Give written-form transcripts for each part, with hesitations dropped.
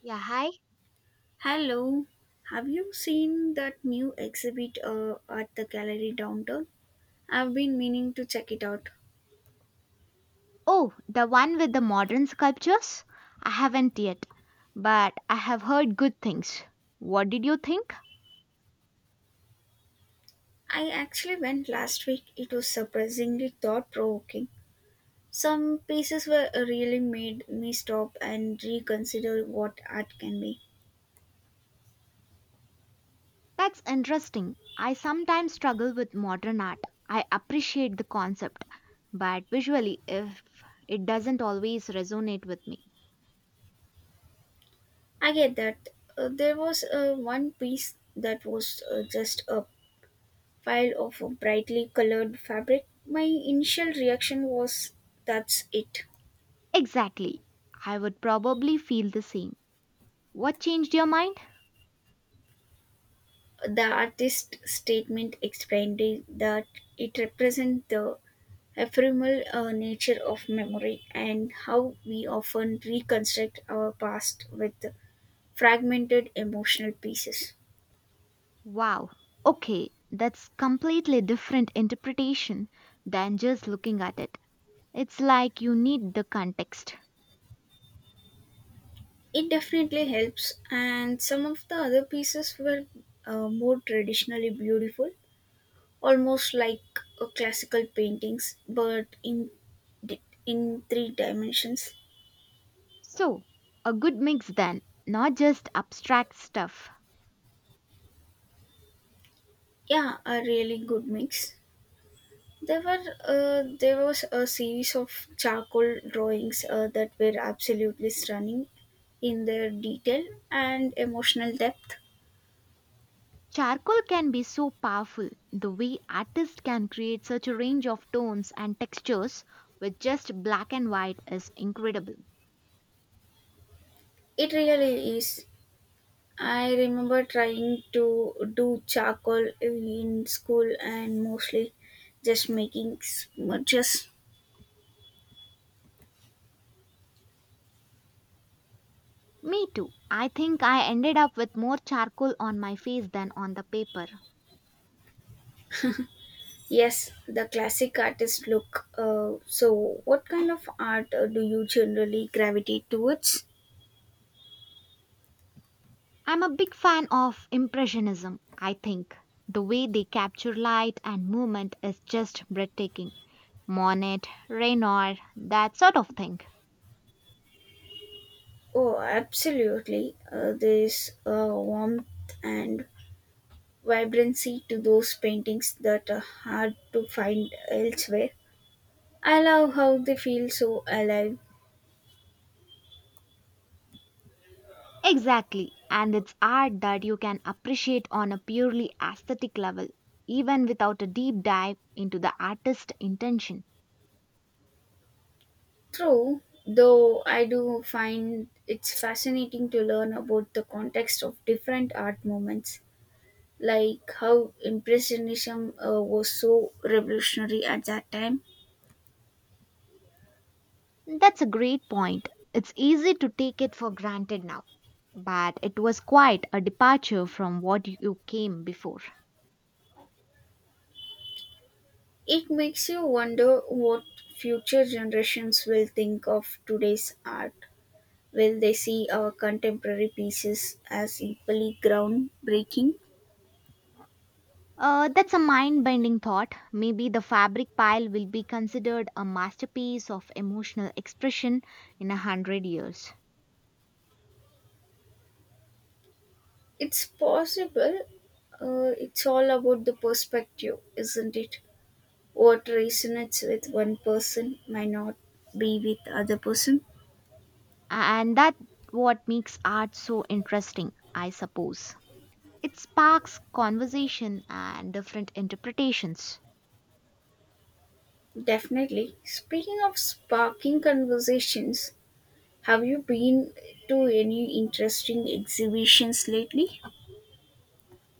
Yeah, hi. Hello, have you seen that new exhibit at the gallery downtown? I've been meaning to check it out. Oh, the one with the modern sculptures? I haven't yet, but I have heard good things. What did you think? I actually went last week. It was surprisingly thought provoking. Some pieces were really made me stop and reconsider what art can be. That's interesting. I sometimes struggle with modern art. I appreciate the concept, but visually, if it doesn't always resonate with me. I get that. There was one piece that was just a pile of brightly colored fabric. My initial reaction was that's it. Exactly. I would probably feel the same. What changed your mind? The artist's statement explained it- that it represents the ephemeral nature of memory and how we often reconstruct our past with fragmented emotional pieces. Wow. Okay, that's completely different interpretation than just looking at it. It's like you need the context. It definitely helps, and some of the other pieces were more traditionally beautiful, almost like classical paintings, but in three dimensions. So, a good mix then, not just abstract stuff. Yeah, a really good mix. There were there was a series of charcoal drawings that were absolutely stunning in their detail and emotional depth. Charcoal can be so powerful, the way artists can create such a range of tones and textures with just black and white is incredible. It really is. I remember trying to do charcoal in school and mostly just making smudges. Me too. I think I ended up with more charcoal on my face than on the paper. Yes, the classic artist look. So, what kind of art do you generally gravitate towards? I'm a big fan of Impressionism, I think. The way they capture light and movement is just breathtaking. Monet, Renoir, that sort of thing. Oh, absolutely. There is a warmth and vibrancy to those paintings that are hard to find elsewhere. I love how they feel so alive. Exactly. And it's art that you can appreciate on a purely aesthetic level, even without a deep dive into the artist's intention. True, though I do find it's fascinating to learn about the context of different art movements, like how Impressionism was so revolutionary at that time. That's a great point. It's easy to take it for granted now, but it was quite a departure from what you came before. It makes you wonder what future generations will think of today's art. Will they see our contemporary pieces as equally groundbreaking? That's a mind bending thought. Maybe the fabric pile will be considered a masterpiece of emotional expression in a hundred years. It's possible. It's all about the perspective, isn't it? What resonates with one person might not be with other person. And that what makes art so interesting, I suppose. It sparks conversation and different interpretations. Definitely. Speaking of sparking conversations, have you been to any interesting exhibitions lately?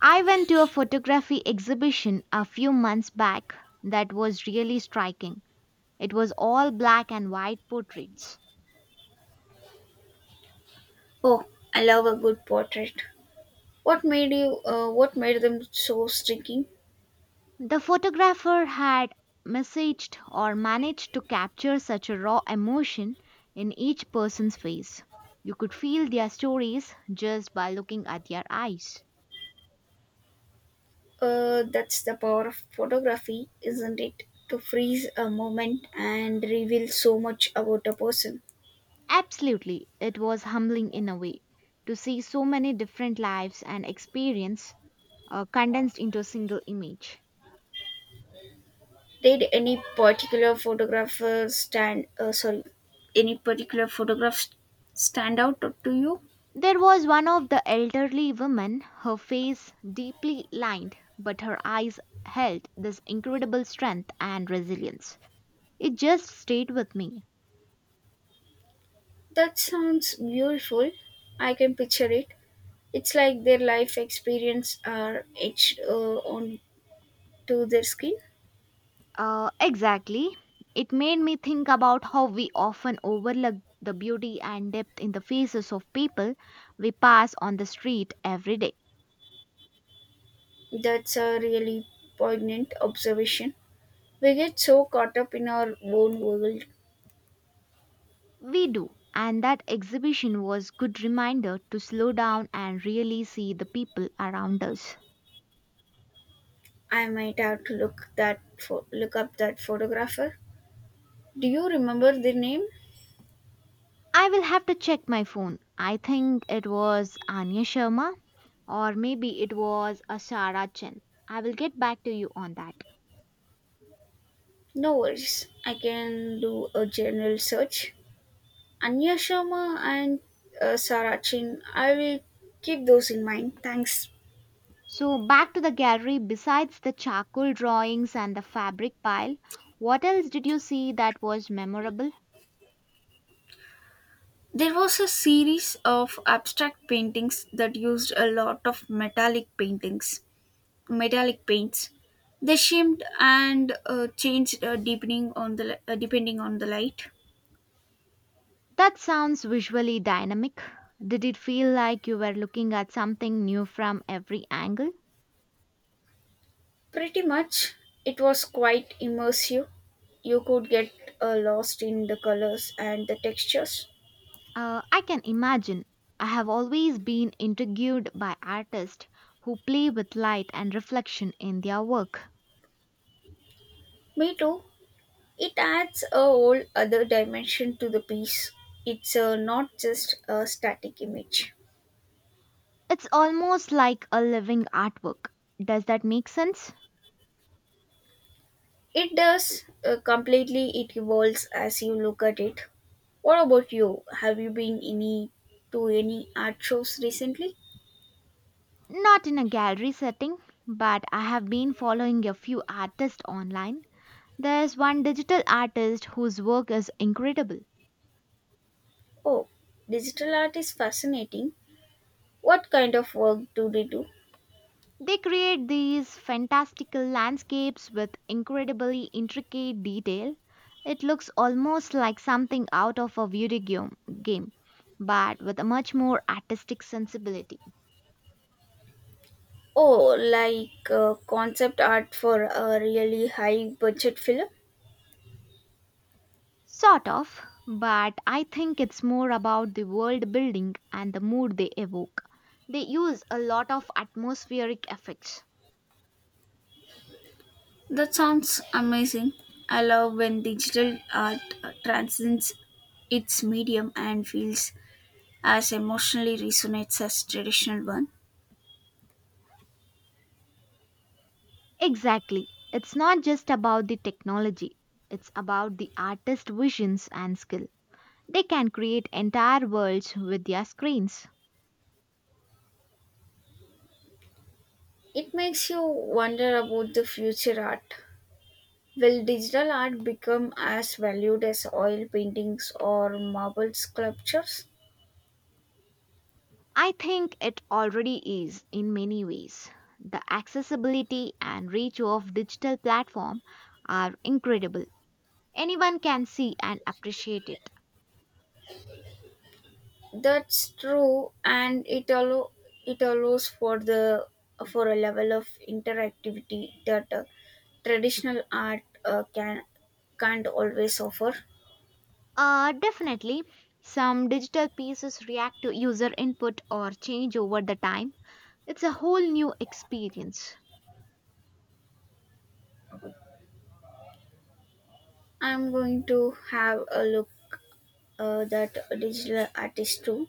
I went to a photography exhibition a few months back that was really striking. It was all black and white portraits. Oh, I love a good portrait. What made you? What made them so striking? The photographer had messaged or managed to capture such a raw emotion in each person's face. You could feel their stories just by looking at their eyes. That's the power of photography, isn't it? To freeze a moment and reveal so much about a person. Absolutely, it was humbling in a way to see so many different lives and experience condensed into a single image. Did any particular photographer stand? Sorry, any particular photograph stand out to you? There was one of the elderly women, her face deeply lined, but her eyes held this incredible strength and resilience. It just stayed with me. That sounds beautiful. I can picture it. It's like their life experience are etched onto their skin. Exactly. It made me think about how we often overlook the beauty and depth in the faces of people we pass on the street every day. That's a really poignant observation. We get so caught up in our own world. We do, and that exhibition was good reminder to slow down and really see the people around us. I might have to look up that photographer. Do you remember the name? I will have to check my phone. I think it was Anya Sharma or maybe it was Ashara Chen. I will get back to you on that. No worries. I can do a general search. Anya Sharma and Sarah Chin. I will keep those in mind. Thanks. So back to the gallery besides the charcoal drawings and the fabric pile, what else did you see that was memorable? There was a series of abstract paintings that used a lot of metallic paints. They shimmed and changed deepening on the li- depending on the light. That sounds visually dynamic. Did it feel like you were looking at something new from every angle? Pretty much, it was quite immersive. You could get lost in the colors and the textures. I can imagine. I have always been intrigued by artists who play with light and reflection in their work. Me too. It adds a whole other dimension to the piece. It's not just a static image. It's almost like a living artwork. Does that make sense? It does completely, it evolves as you look at it. What about you? Have you been any to any art shows recently? Not in a gallery setting, but I have been following a few artists online. There's one digital artist whose work is incredible. Oh, digital art is fascinating. What kind of work do they do? They create these fantastical landscapes with incredibly intricate detail. It looks almost like something out of a video game, but with a much more artistic sensibility. Oh, like concept art for a really high budget film? Sort of, but I think it's more about the world building and the mood they evoke. They use a lot of atmospheric effects. That sounds amazing. I love when digital art transcends its medium and feels as emotionally resonates as traditional one. Exactly. It's not just about the technology, it's about the artist's visions and skill. They can create entire worlds with their screens. It makes you wonder about the future art. Will digital art become as valued as oil paintings or marble sculptures? I think it already is in many ways. The accessibility and reach of digital platform are incredible. Anyone can see and appreciate it. That's true, and it allows for a level of interactivity that traditional art can't always offer. Definitely, some digital pieces react to user input or change over the time. It's a whole new experience. I'm going to have a look that digital artist too.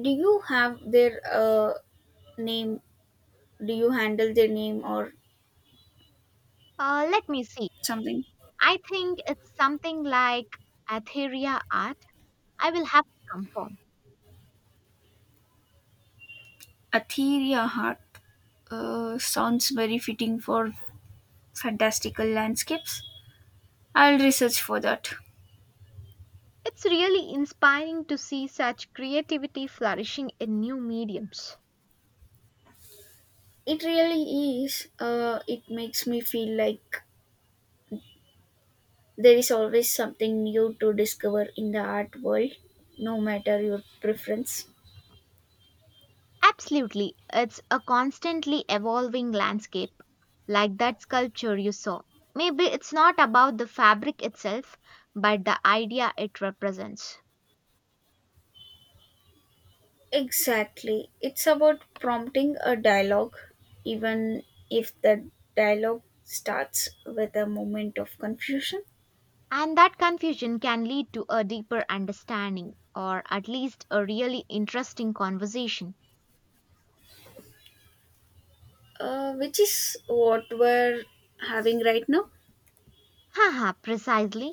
Do you have their name? Do you handle their name or Let me see. something? I think it's something like Atheria art. I will have to confirm. Atheria Heart sounds very fitting for fantastical landscapes. I'll research for that. It's really inspiring to see such creativity flourishing in new mediums. It really is. It makes me feel like there is always something new to discover in the art world, no matter your preference. Absolutely, it's a constantly evolving landscape, like that sculpture you saw. Maybe it's not about the fabric itself, but the idea it represents. Exactly. It's about prompting a dialogue, even if the dialogue starts with a moment of confusion, And that confusion can lead to a deeper understanding, or at least a really interesting conversation. Which is what we're having right now. Haha, precisely.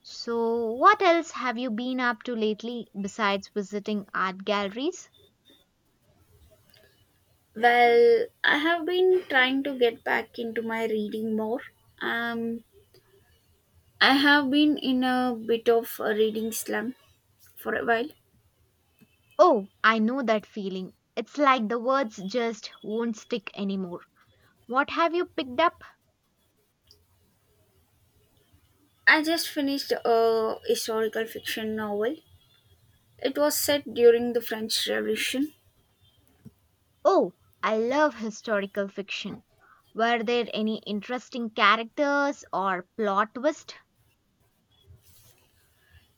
So, what else have you been up to lately besides visiting art galleries? Well, I have been trying to get back into my reading more. Um, I have been in a bit of a reading slump for a while. Oh, I know that feeling. It's like the words just won't stick anymore. What have you picked up? I just finished a historical fiction novel. It was set during the French Revolution. Oh, I love historical fiction. Were there any interesting characters or plot twist?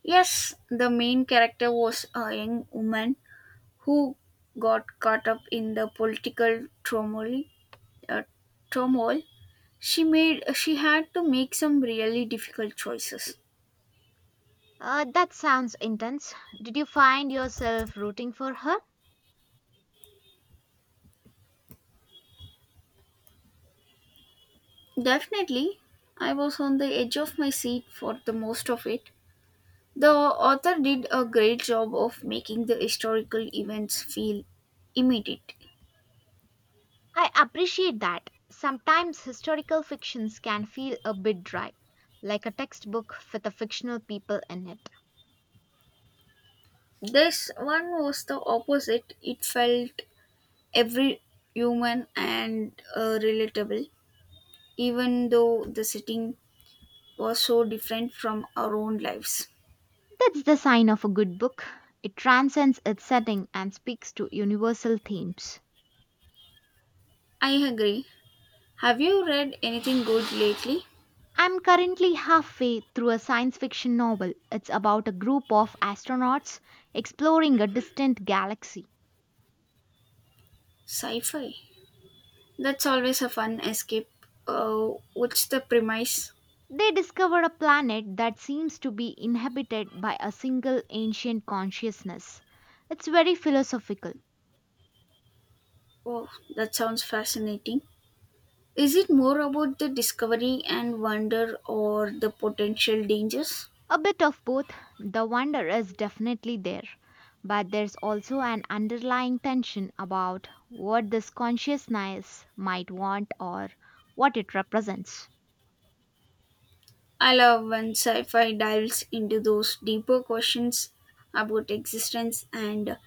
Yes, the main character was a young woman who got caught up in the political turmoil. Uh, turmoil. She had to make some really difficult choices. That sounds intense. Did you find yourself rooting for her? Definitely, I was on the edge of my seat for the most of it. The author did a great job of making the historical events feel immediate. I appreciate that. Sometimes historical fictions can feel a bit dry, like a textbook with a fictional people in it. This one was the opposite. It felt every human and relatable, even though the setting was so different from our own lives. That's the sign of a good book. It transcends its setting and speaks to universal themes. I agree. Have you read anything good lately? I'm currently halfway through a science fiction novel. It's about a group of astronauts exploring a distant galaxy. Sci fi. That's always a fun escape. What's the premise? They discover a planet that seems to be inhabited by a single ancient consciousness. It's very philosophical. Oh, that sounds fascinating. Is it more about the discovery and wonder or the potential dangers? A bit of both. The wonder is definitely there, but there's also an underlying tension about what this consciousness might want or what it represents. I love when sci fi dives into those deeper questions about existence and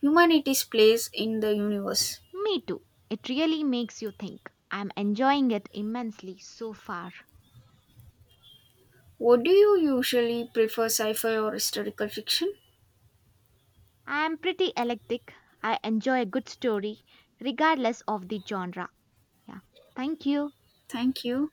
humanity's place in the universe. Me too. It really makes you think. I'm enjoying it immensely so far. What do you usually prefer, sci fi or historical fiction? I'm pretty eclectic. I enjoy a good story, regardless of the genre. Yeah. Thank you. Thank you.